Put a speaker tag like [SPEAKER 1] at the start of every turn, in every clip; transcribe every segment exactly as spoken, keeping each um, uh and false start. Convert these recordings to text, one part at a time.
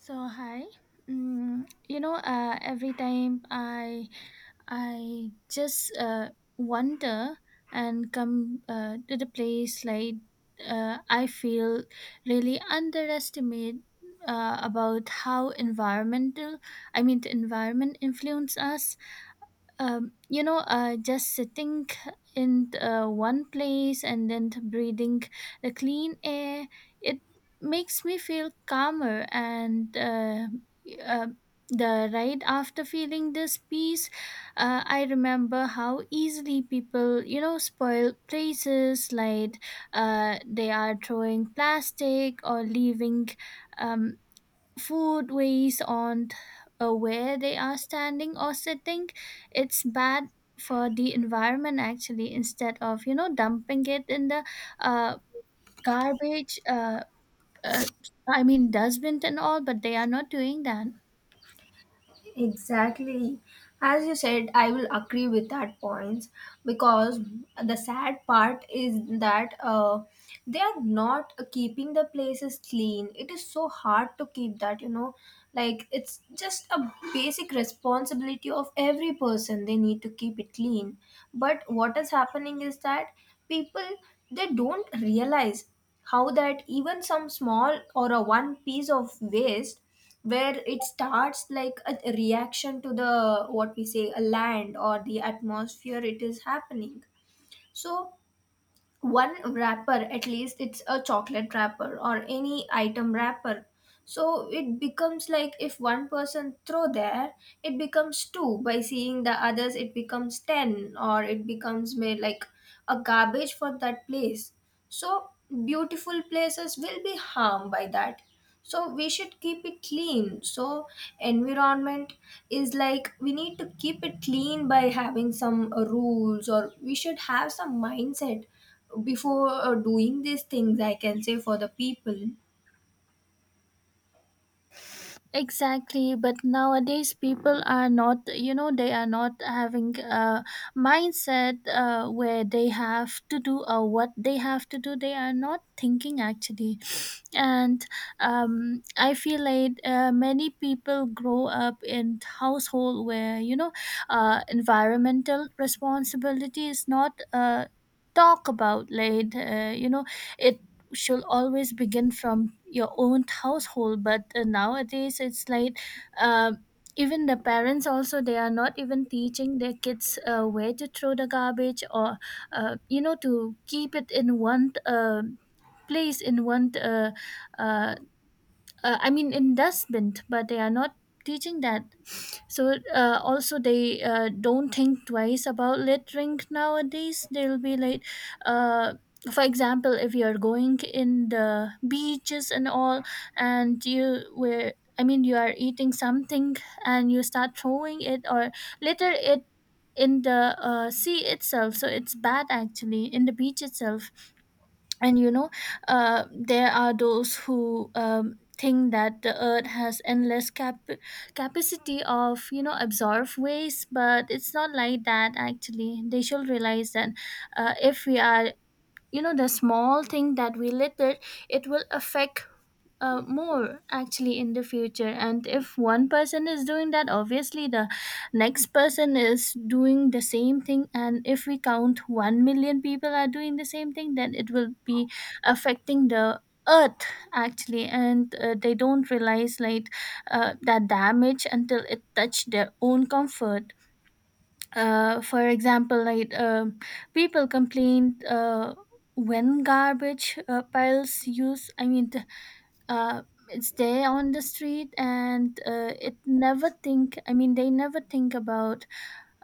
[SPEAKER 1] So hi, mm, you know, uh, every time I I just uh, wander and come uh, to the place like uh, I feel really underestimate uh, about how environmental I mean the environment influence us. Um, you know, uh, just sitting in uh, one place and then breathing the clean air, it makes me feel calmer. And uh, uh, the right after feeling this peace, uh, I remember how easily people, you know, spoil places like uh, they are throwing plastic or leaving. Um, Food waste on uh, where they are standing or sitting, it's bad for the environment actually, instead of you know dumping it in the uh, garbage, uh, uh, i mean dustbin and all, but they are not doing that.
[SPEAKER 2] Exactly. As you said, I will agree with that point because the sad part is that uh, they are not keeping the places clean. It is so hard to keep that, you know, like it's just a basic responsibility of every person. They need to keep it clean. But what is happening is that people, they don't realize how that even some small or a one piece of waste, where it starts like a reaction to the, what we say, a land or the atmosphere, it is happening. So one wrapper, at least it's a chocolate wrapper or any item wrapper, so it becomes like, if one person throw there, it becomes two. By seeing the others, it becomes ten, or it becomes, may, like a garbage for that place. So beautiful places will be harmed by that, so we should keep it clean. So environment is like, we need to keep it clean by having some uh, rules, or we should have some mindset before uh, doing these things, I can say, for the people.
[SPEAKER 1] Exactly, but nowadays people are not, you know, they are not having a mindset uh, where they have to do or what they have to do. They are not thinking actually. And um, I feel like uh, many people grow up in household where, you know, uh, environmental responsibility is not uh, talk about like uh, you know, it should always begin from your own household, but uh, nowadays it's like uh, even the parents also they are not even teaching their kids uh, where to throw the garbage or uh, you know, to keep it in one uh, place in one uh, uh, uh, I mean investment, but they are not teaching that. So uh, also they uh, don't think twice about littering nowadays. They'll be like, uh, for example, if you're going in the beaches and all, and you were. I mean, you are eating something and you start throwing it or litter it in the uh, sea itself. So it's bad actually, in the beach itself. And you know, uh, there are those who um, think that the earth has endless cap- capacity of, you know, absorb waste, but it's not like that actually. They should realize that uh, if we are, you know, the small thing that we litter, it will affect uh, more actually in the future. And if one person is doing that, obviously the next person is doing the same thing, and if we count one million people are doing the same thing, then it will be affecting the earth actually. And uh, they don't realize like uh, that damage until it touch their own comfort. Uh, for example, like um people complained uh, when garbage uh, piles use I mean the uh, stay on the street, and uh, it never think, I mean, they never think about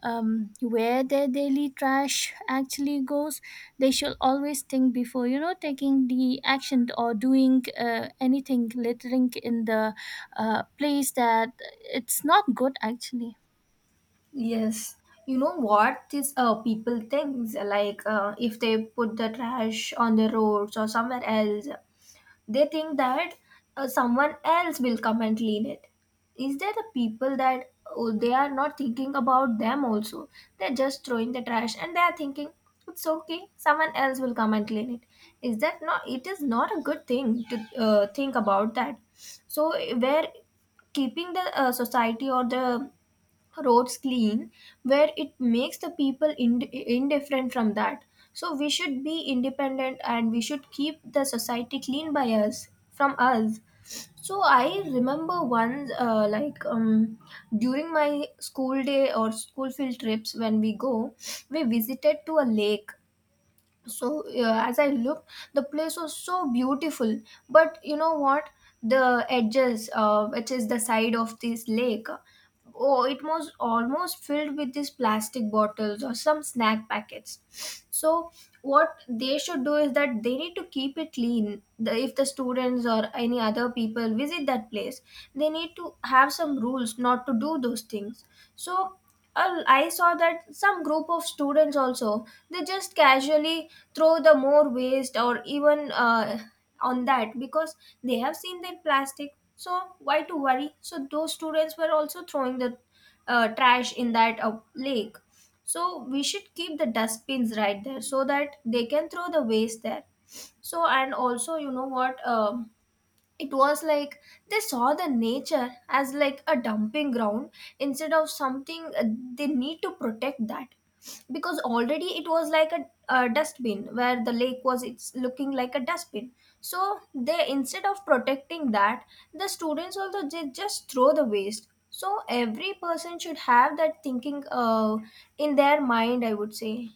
[SPEAKER 1] um, where their daily trash actually goes. They should always think before, you know, taking the action or doing uh, anything, littering in the uh, place that it's not good actually.
[SPEAKER 2] Yes, you know what, these uh, people thinks like, uh, if they put the trash on the roads or somewhere else, they think that uh, someone else will come and clean it. Is there the people that, oh, they are not thinking about them also, they're just throwing the trash and they are thinking it's okay, someone else will come and clean it. Is that not, it is not a good thing to uh, think about that. So, where keeping the uh, society or the roads clean, where it makes the people ind- indifferent from that. So we should be independent and we should keep the society clean by us, from us. So I remember once, uh, like, um, during my school day or school field trips, when we go, we visited to a lake. So uh, as I looked, the place was so beautiful, but you know what, the edges, uh, which is the side of this lake, oh, it was almost filled with these plastic bottles or some snack packets. So what they should do is that, they need to keep it clean. The, if the students or any other people visit that place, they need to have some rules not to do those things. So uh, I saw that some group of students also, they just casually throw the more waste, or even uh, on that, because they have seen that plastic. So why to worry? So those students were also throwing the uh, trash in that uh, lake. So we should keep the dustbins right there, so that they can throw the waste there. So, and also you know what? Um it was like, they saw the nature as like a dumping ground, instead of something. Uh, they need to protect that, because already it was like a, a dustbin, where the lake was, it's looking like a dustbin. So they, instead of protecting that, the students also, they just throw the waste. So every person should have that thinking uh, in their mind, I would say.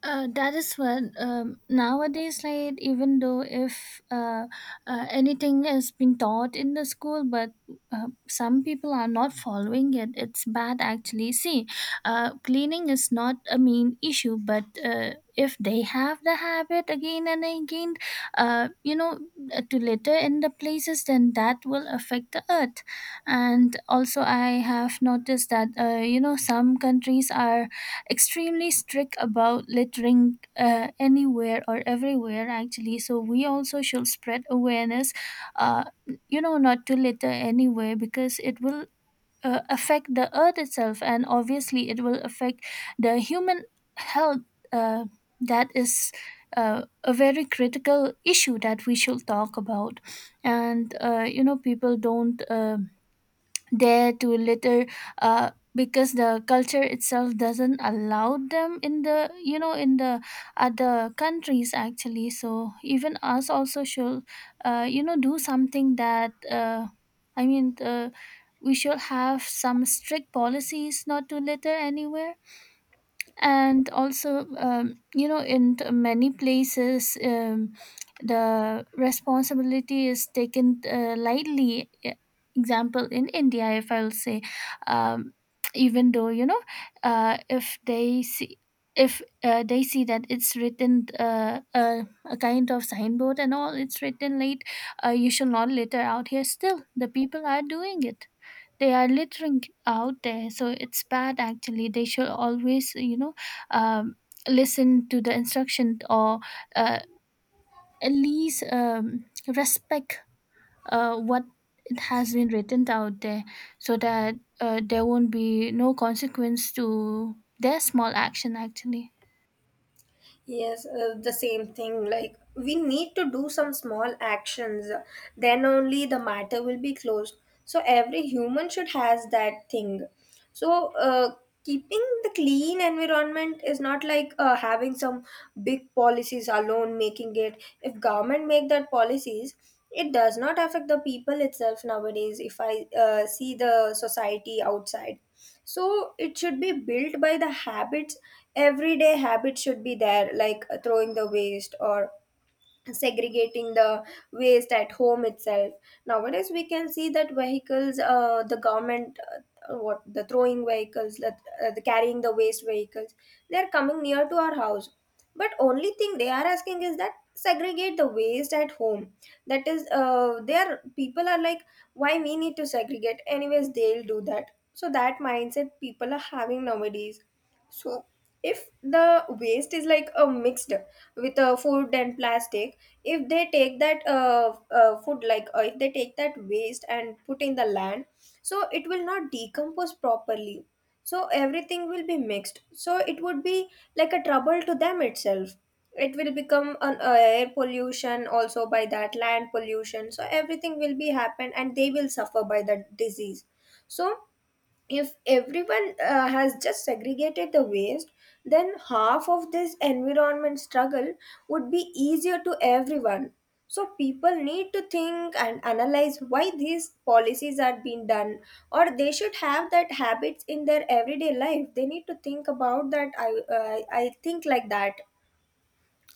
[SPEAKER 1] Uh, that is what, um, nowadays, like, even though if uh, uh, anything has been taught in the school, but uh, some people are not following it. It's bad actually. See, uh, cleaning is not a main issue, but uh, if they have the habit again and again uh, you know uh, to litter in the places, then that will affect the earth. And also, I have noticed that uh, you know, some countries are extremely strict about littering uh, anywhere or everywhere actually, so we also should spread awareness, uh, you know, not to litter anywhere, because it will uh, affect the earth itself, and obviously it will affect the human health. uh, that is uh, a very critical issue that we should talk about. And uh, you know, people don't uh, there to litter uh, because the culture itself doesn't allow them in the, you know, in the other countries actually. So even us also should uh, you know, do something that uh, i mean uh, we should have some strict policies not to litter anywhere. And also, um, you know, in t- many places um, the responsibility is taken uh, lightly. E- example, in India, if I'll say, um, even though you know, uh, if they see, if uh, they see that it's written uh, uh, a kind of signboard and all, it's written late, uh, you shall not litter out here, still the people are doing it, they are littering out there. So it's bad actually. They should always, you know, um, listen to the instruction or uh, at least um, respect uh, what it has been written out there, so that uh, there won't be no consequence to their small action actually.
[SPEAKER 2] Yes, uh, the same thing. Like, we need to do some small actions. Then only the matter will be closed. So, every human should has that thing. So, uh, keeping the clean environment is not like uh, having some big policies alone making it. If government make that policies, it does not affect the people itself nowadays. If I uh, see the society outside, so it should be built by the habits. Everyday habits should be there, like uh, throwing the waste or segregating the waste at home itself. Nowadays we can see that vehicles, uh, the government, uh, what the throwing vehicles, that uh, the carrying the waste vehicles, they are coming near to our house, but only thing they are asking is that segregate the waste at home. That is uh, their, people are like, why we need to segregate, anyways they'll do that. So that mindset people are having nowadays. So if the waste is like a mixed with uh, food and plastic, if they take that uh, uh, food, like uh, if they take that waste and put in the land, so it will not decompose properly. So everything will be mixed, so it would be like a trouble to them itself. It will become an uh, air pollution also, by that land pollution. So everything will be happen and they will suffer by that disease. So if everyone uh, has just segregated the waste, then half of this environment struggle would be easier to everyone. So people need to think and analyze why these policies are being done, or they should have that habits in their everyday life. They need to think about that i uh, i think like that.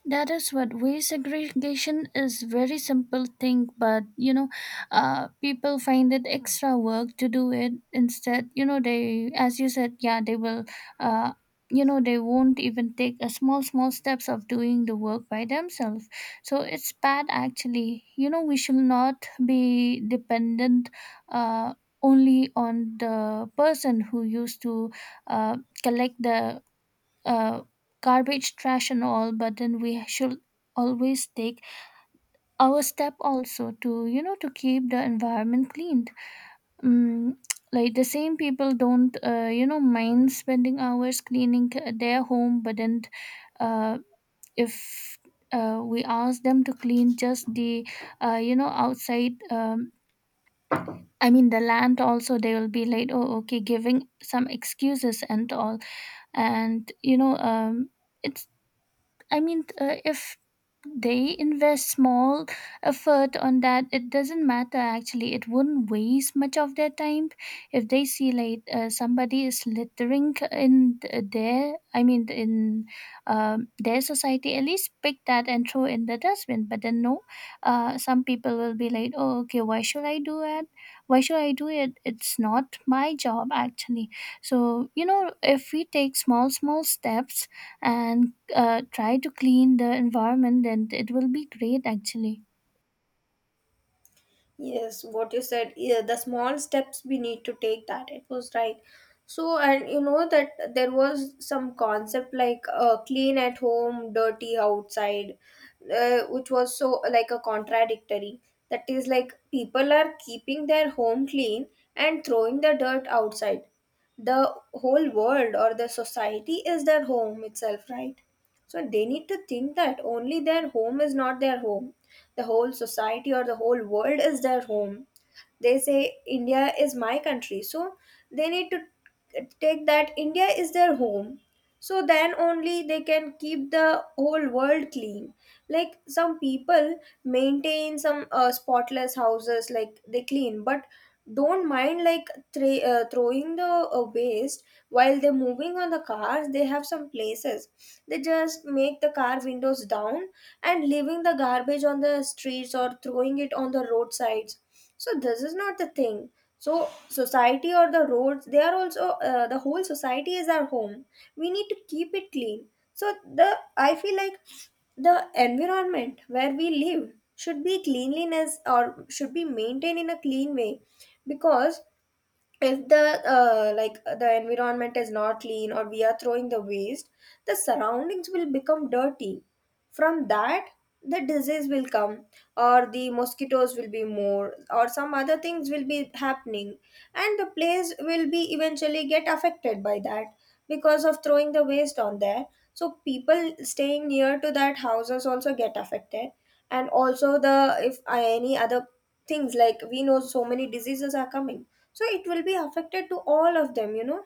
[SPEAKER 1] That is what waste segregation is, very simple thing, but you know, uh, people find it extra work to do it. Instead, you know, they, as you said, yeah, they will, uh, you know, they won't even take a small small steps of doing the work by themselves. So it's bad actually. You know, we should not be dependent, uh, only on the person who used to uh, collect the uh, garbage trash and all, but then we should always take our step also to, you know, to keep the environment cleaned. Mm, like the same people don't uh, you know, mind spending hours cleaning uh, their home, but then uh, if uh, we ask them to clean just the uh, you know, outside, um, I mean the land also, they will be like, oh, okay, giving some excuses and all. And you know, um, it's, I mean, uh, if they invest small effort on that, it doesn't matter actually. It wouldn't waste much of their time. If they see like uh, somebody is littering in th- their, I mean, in um, their society, at least pick that and throw in the dustbin. But then no, uh, some people will be like, oh, okay, why should I do it? Why should I do it? It's not my job actually. So you know, if we take small, small steps and uh, try to clean the environment, then it will be great actually.
[SPEAKER 2] Yes, what you said, yeah, the small steps we need to take, that it was right. So, and you know that there was some concept like, uh, clean at home, dirty outside, uh, which was so like a contradictory. That is like, people are keeping their home clean and throwing the dirt outside. The whole world or the society is their home itself, right? So they need to think that only their home is not their home, the whole society or the whole world is their home. They say India is my country, so they need to take that India is their home. So then only they can keep the whole world clean. Like some people maintain some uh, spotless houses, like they clean, but don't mind like thre- uh, throwing the uh, waste while they're moving on the cars. They have some places, they just make the car windows down and leaving the garbage on the streets, or throwing it on the roadsides. So this is not the thing. So society or the roads, they are also, uh, the whole society is our home, we need to keep it clean. So the, I feel like the environment where we live should be cleanliness, or should be maintained in a clean way. Because if the, uh, like the environment is not clean, or we are throwing the waste, the surroundings will become dirty. From that, the disease will come, or the mosquitoes will be more, or some other things will be happening, and the place will be eventually get affected by that, because of throwing the waste on there. So people staying near to that houses also get affected. And also the, if any other things, like we know so many diseases are coming, so it will be affected to all of them, you know.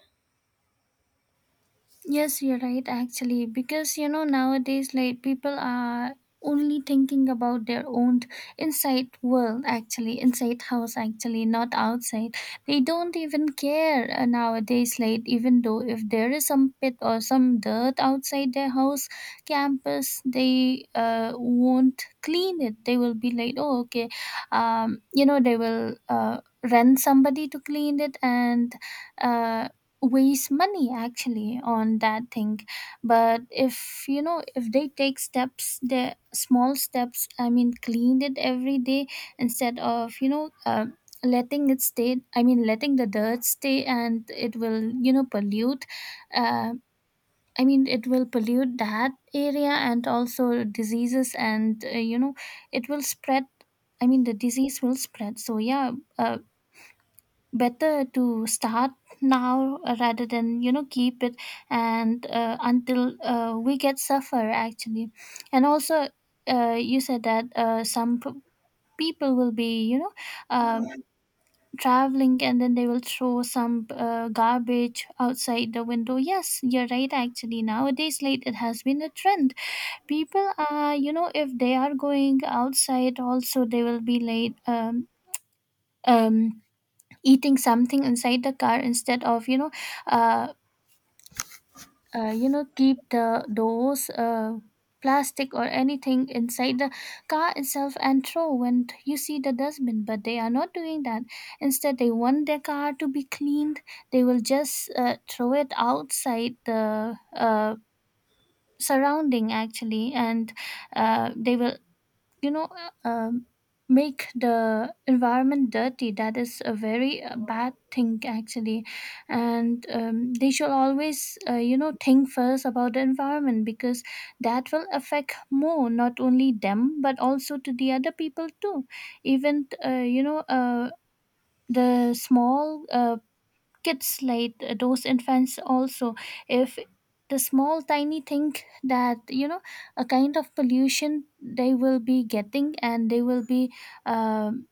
[SPEAKER 1] Yes, you're right, actually, because you know, nowadays, like people are only thinking about their own inside world, actually, inside house, actually, not outside. They don't even care uh, nowadays, like, even though if there is some pit or some dirt outside their house campus, they uh, won't clean it. They will be like, oh, okay, um, you know, they will uh, rent somebody to clean it and uh, waste money actually on that thing. But if you know, if they take steps, the small steps, I mean, cleaned it every day, instead of, you know, uh, letting it stay, I mean, letting the dirt stay, and it will, you know, pollute uh, i mean it will pollute that area, and also diseases and uh, you know, it will spread, I mean, the disease will spread. So yeah, uh, better to start now uh, rather than, you know, keep it and uh, until uh, we get suffer actually. And also, uh, you said that uh, some p- people will be, you know, um, traveling and then they will throw some uh, garbage outside the window. Yes, you're right actually. Nowadays late, it has been a trend. People are, you know, if they are going outside also, they will be late, um, um eating something inside the car, instead of, you know, uh, uh you know keep the those uh plastic or anything inside the car itself and throw when you see the dustbin, but they are not doing that. Instead, they want their car to be cleaned. They will just uh, throw it outside the uh surrounding actually. And uh, they will, you know, uh, um, make the environment dirty. That is a very uh, bad thing actually. And um, they should always uh, you know, think first about the environment, because that will affect more, not only them but also to the other people too. Even uh, you know uh, the small uh, kids, like uh, those infants also, if the small tiny thing that, you know, a kind of pollution, they will be getting, and they will be um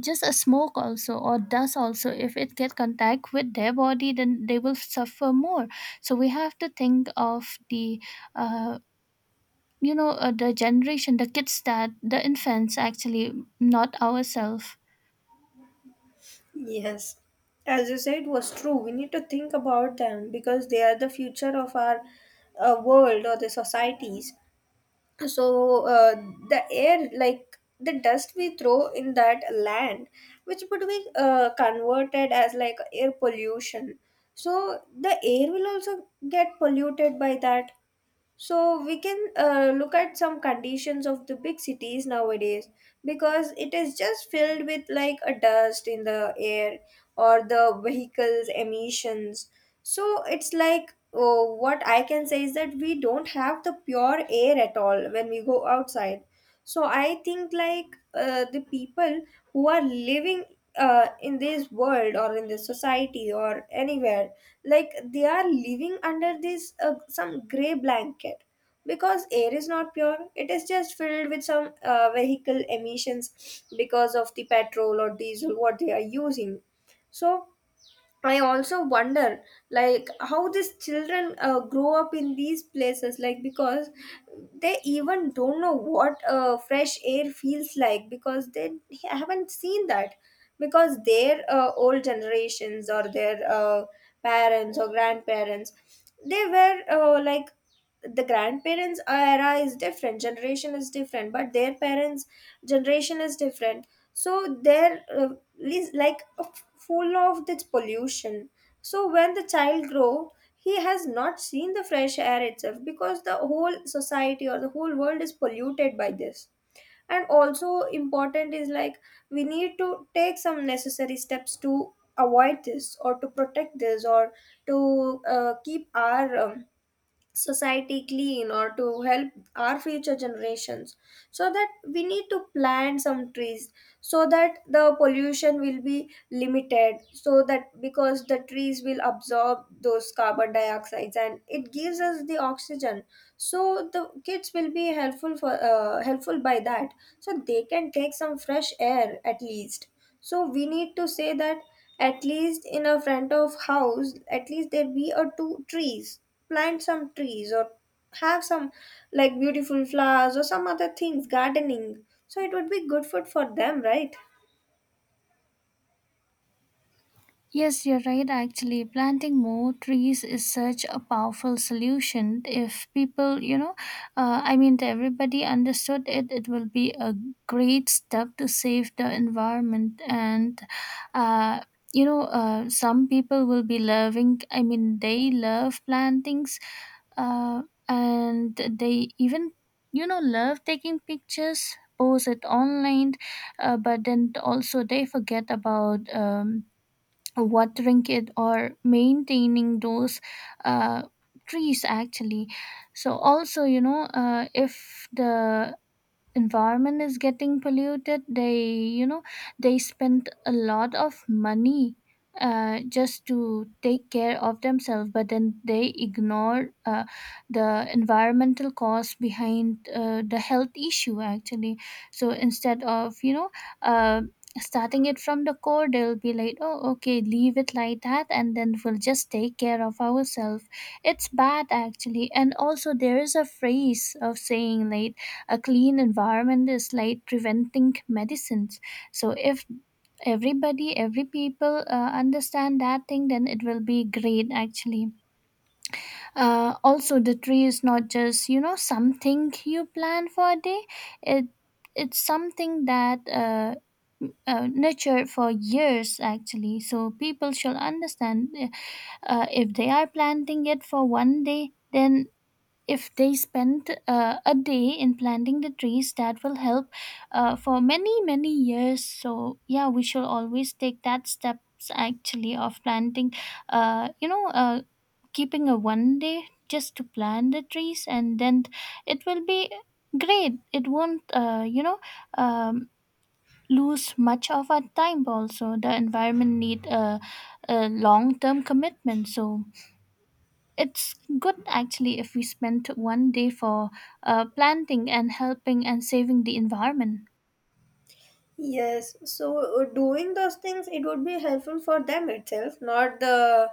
[SPEAKER 1] just a smoke also or dust also, if it get contact with their body, then they will suffer more. So we have to think of the uh, you know uh, the generation, the kids, that the infants actually, not ourselves.
[SPEAKER 2] Yes, as you said, was true. We need to think about them because they are the future of our uh, world or the societies. So uh, the air, like the dust we throw in that land, which would be uh, converted as like air pollution. So the air will also get polluted by that. So we can uh, look at some conditions of the big cities nowadays, because it is just filled with like a dust in the air, or the vehicles emissions. So it's like, oh, what I can say is that we don't have the pure air at all when we go outside. So I think like uh, the people who are living uh, in this world or in this society or anywhere, like they are living under this uh, some gray blanket, because air is not pure, it is just filled with some uh, vehicle emissions, because of the petrol or diesel what they are using. So I also wonder, like, how these children uh, grow up in these places, like, because they even don't know what uh, fresh air feels like, because they haven't seen that. Because their uh, old generations, or their uh, parents or grandparents, they were uh, like, the grandparents era is different, generation is different, but their parents generation is different. So they're uh, lis- like uh, f- full of this pollution. So when the child grow, he has not seen the fresh air itself, because the whole society or the whole world is polluted by this. And also important is like, we need to take some necessary steps to avoid this, or to protect this, or to uh, keep our um, society clean, or to help our future generations. So that we need to plant some trees, so that the pollution will be limited. So that, because the trees will absorb those carbon dioxides and it gives us the oxygen. So the kids will be helpful for, uh, helpful by that. So they can take some fresh air at least. So we need to say that, at least in a front of house, at least there be a two trees. Plant some trees, or have some like beautiful flowers or some other things, gardening. So it would be good food for them, right?
[SPEAKER 1] Yes, you're right, actually. Planting more trees is such a powerful solution. If people, you know, uh, I mean, if everybody understood it, it will be a great step to save the environment. And, uh, you know, uh, some people will be loving, I mean, they love plantings uh, and they even you know love taking pictures, post it online. Uh, but then also they forget about um, watering it or maintaining those uh, trees actually. So also, you know uh, if the environment is getting polluted, they, you know they spend a lot of money uh, just to take care of themselves, but then they ignore uh, the environmental cause behind uh, the health issue actually. So instead of, you know uh, starting it from the core, they'll be like, oh, okay, leave it like that and then we'll just take care of ourselves. It's bad actually. And also, there is a phrase of saying like a clean environment is like preventing medicines. So if everybody, every people uh, understand that thing, then it will be great actually. Uh, also, the tree is not just, you know something you plan for a day. it it's something that uh, uh, nurtured for years actually, so people should understand. Uh, if they are planting it for one day, then if they spend uh, a day in planting the trees, that will help uh, for many, many years. So yeah, we should always take that steps actually of planting. uh, you know uh, Keeping a one day just to plant the trees, and then it will be great. It won't, uh, you know um, lose much of our time. Also, the environment need a, a long term commitment. So it's good actually if we spend one day for uh, planting and helping and saving the environment.
[SPEAKER 2] Yes, so uh, doing those things, it would be helpful for them itself, not the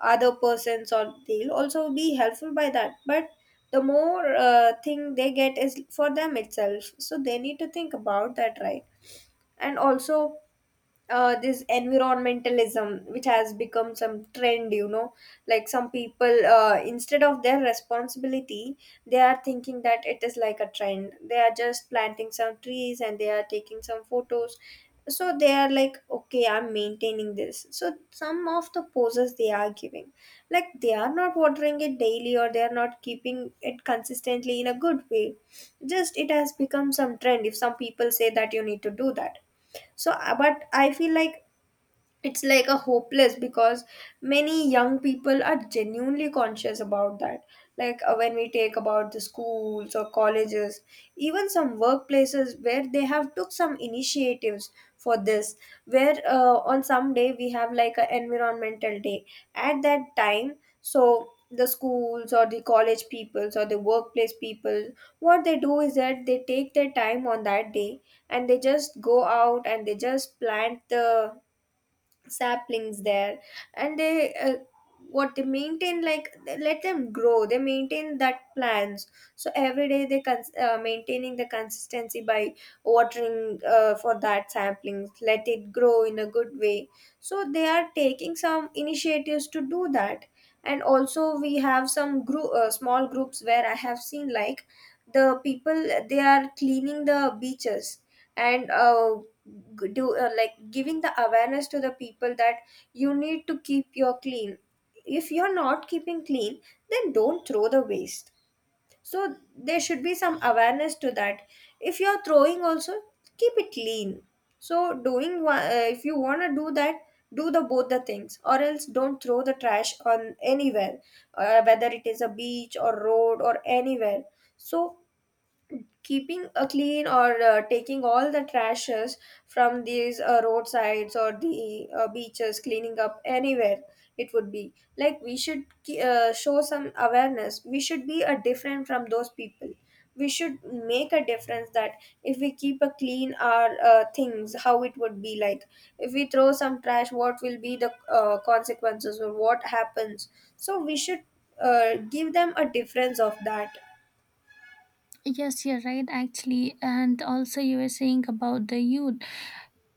[SPEAKER 2] other persons, or they'll also be helpful by that. But the more uh, thing they get is for them itself, so they need to think about that, right? And also, uh, this environmentalism which has become some trend, you know, like some people, uh, instead of their responsibility, they are thinking that it is like a trend. They are just planting some trees and they are taking some photos, so they are like, okay, I'm maintaining this. So some of the poses they are giving, like they are not watering it daily or they are not keeping it consistently in a good way. Just it has become some trend if some people say that you need to do that. So uh, but I feel like it's like a hopeless because many young people are genuinely conscious about that. Like uh, when we take about the schools or colleges, even some workplaces where they have took some initiatives for this, where uh, on some day we have like an environmental day. At that time, so the schools or the college peoples or the workplace people, what they do is that they take their time on that day and they just go out and they just plant the saplings there. And they uh, what they maintain, like they let them grow, they maintain that plants. So every day they cons- uh, maintaining the consistency by watering uh, for that saplings, let it grow in a good way. So they are taking some initiatives to do that. And also we have some group, uh, small groups where I have seen like the people, they are cleaning the beaches. And uh, g- do uh, like giving the awareness to the people that you need to keep your clean. If you're not keeping clean, then don't throw the waste. So there should be some awareness to that. If you're throwing also, keep it clean. So doing one, uh, if you want to do that, do the both the things, or else don't throw the trash on anywhere, uh, whether it is a beach or road or anywhere. So keeping a clean or uh, taking all the trashes from these uh, roadsides or the uh, beaches, cleaning up anywhere, it would be like we should ke- uh, show some awareness. We should be a different from those people. We should make a difference that if we keep a clean our uh, things, how it would be like. If we throw some trash, what will be the uh, consequences or what happens? So we should uh, give them a difference of that.
[SPEAKER 1] Yes, you're right actually. And also, you were saying about the youth.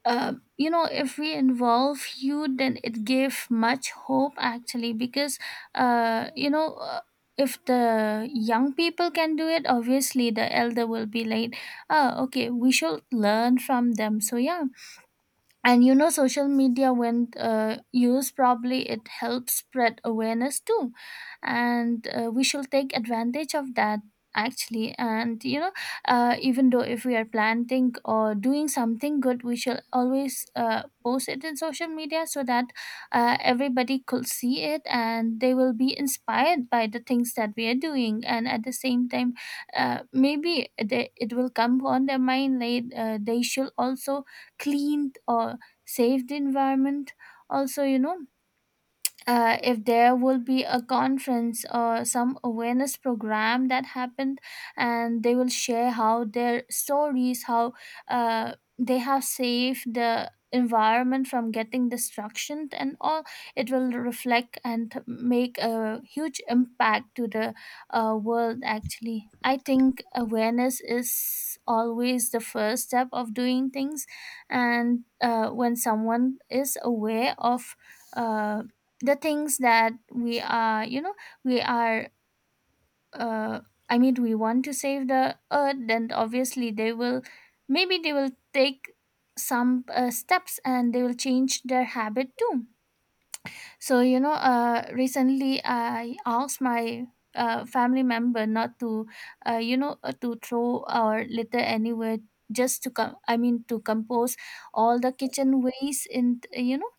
[SPEAKER 1] Uh, you know, if we involve youth, then it gave much hope actually because, uh, you know, uh, if the young people can do it, obviously the elder will be like, oh, okay, we should learn from them. So, yeah, and you know social media, when uh, used probably, it helps spread awareness too. And uh, we should take advantage of that actually. And you know, uh, even though if we are planting or doing something good, we shall always uh, post it in social media so that uh, everybody could see it, and they will be inspired by the things that we are doing. And at the same time, uh, maybe they, it will come on their mind late, uh, they should also clean or save the environment. Also you know, uh, if there will be a conference or some awareness program that happened, and they will share how their stories, how uh, they have saved the environment from getting destruction and all, it will reflect and make a huge impact to the uh, world actually. I think awareness is always the first step of doing things. And uh, when someone is aware of uh, the things that we are you know we are uh, I mean we want to save the earth, then obviously they will, maybe they will take some uh, steps, and they will change their habit too. So, you know, uh, recently I asked my uh, family member not to, uh, you know, uh, to throw our litter anywhere, just to come, I mean, to compose all the kitchen waste in, you know,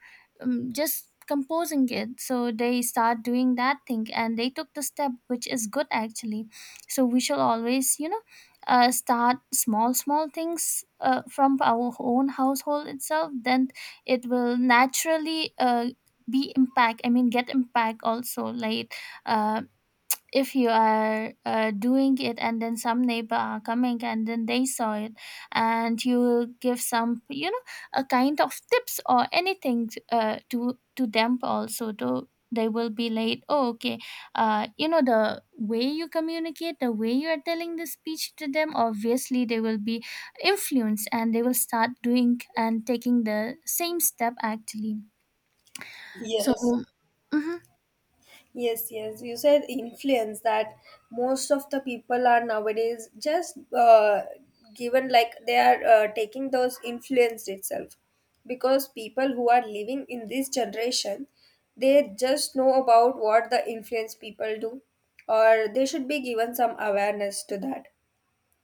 [SPEAKER 1] um, just composing it. So they start doing that thing and they took the step, which is good actually. So we shall always, you know, uh, start small, small things uh, from our own household itself. Then it will naturally uh, be impact, I mean, get impact also. Like, uh, if you are uh, doing it and then some neighbor are coming and then they saw it, and you give some, you know a kind of tips or anything uh, to to them also, to they will be like, oh, okay, uh, you know, the way you communicate, the way you are telling the speech to them, obviously they will be influenced and they will start doing and taking the same step actually. So
[SPEAKER 2] Yes.
[SPEAKER 1] mhm.
[SPEAKER 2] Yes, yes. You said influence that most of the people are nowadays just uh, given, like they are uh, taking those influence itself, because people who are living in this generation, they just know about what the influence people do, or they should be given some awareness to that.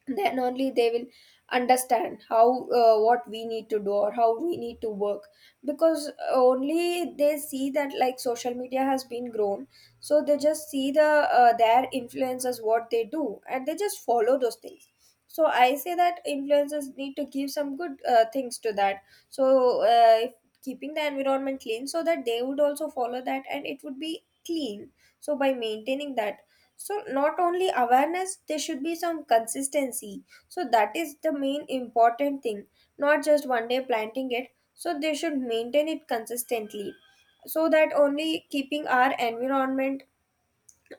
[SPEAKER 2] Then only they will understand how uh, what we need to do or how we need to work. Because only they see that, like social media has been grown, so they just see the uh, their influencers, what they do, and they just follow those things. So I say that influencers need to give some good uh, things to that. So uh, if keeping the environment clean, so that they would also follow that and it would be clean. So by maintaining that, so not only awareness, there should be some consistency. So that is the main important thing, not just one day planting it, so they should maintain it consistently. So that only, keeping our environment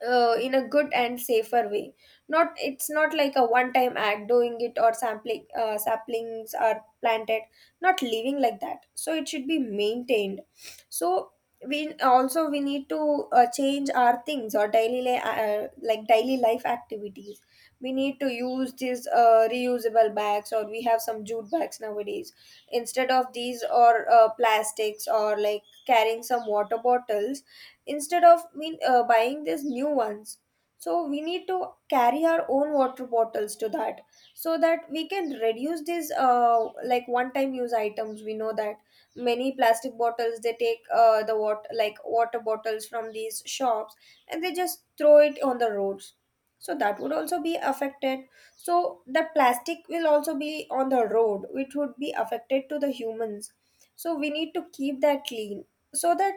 [SPEAKER 2] uh, in a good and safer way. Not, it's not like a one time act doing it or sampling, uh, saplings are planted. Not living like that, so it should be maintained. So we also, we need to uh, change our things or daily li- uh, like daily life activities. We need to use these uh, reusable bags, or we have some jute bags nowadays instead of these, or uh, plastics, or like carrying some water bottles instead of we, uh, buying these new ones. So we need to carry our own water bottles to that, so that we can reduce these, uh, like one-time use items. We know that many plastic bottles, they take uh, the water, like water bottles from these shops, and they just throw it on the roads. So that would also be affected. So the plastic will also be on the road, which would be affected to the humans. So we need to keep that clean, so that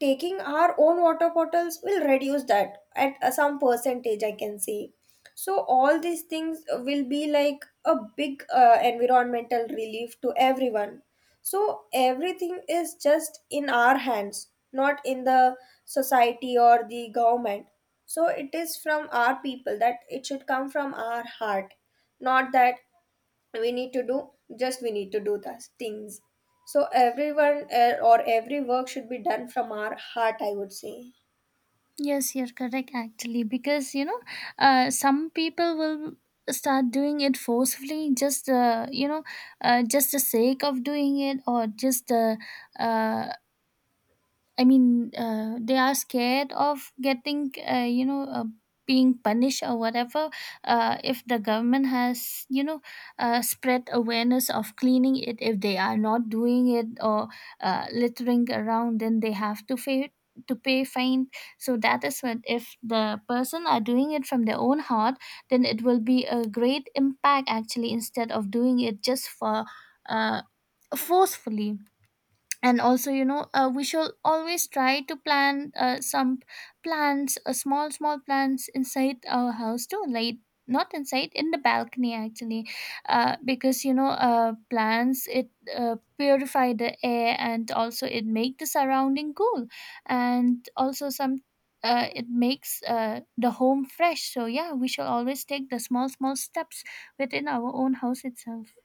[SPEAKER 2] taking our own water bottles will reduce that at uh, some percentage, I can say. So all these things will be like a big uh, environmental relief to everyone. So everything is just in our hands, not in the society or the government. So it is from our people that it should come from our heart. Not that we need to do, just we need to do the things. So everyone, uh, or every work should be done from our heart, I would say.
[SPEAKER 1] Yes, you're correct actually, because you know, uh, some people will start doing it forcefully, just, uh, you know uh, just the sake of doing it, or just uh, uh, I mean, uh, they are scared of getting, uh, you know, uh, being punished or whatever. Uh, if the government has, you know, uh, spread awareness of cleaning it, if they are not doing it or uh, littering around, then they have to pay to pay fine. So that is what, if the person are doing it from their own heart, then it will be a great impact actually, instead of doing it just for uh, forcefully. And also, you know, uh, we should always try to plant uh, some plants, uh, small, small plants inside our house too, like not inside, in the balcony actually. Uh, because you know, uh, plants, it uh, purify the air and also it make the surrounding cool, and also some uh, it makes uh, the home fresh. So yeah, we should always take the small, small steps within our own house itself.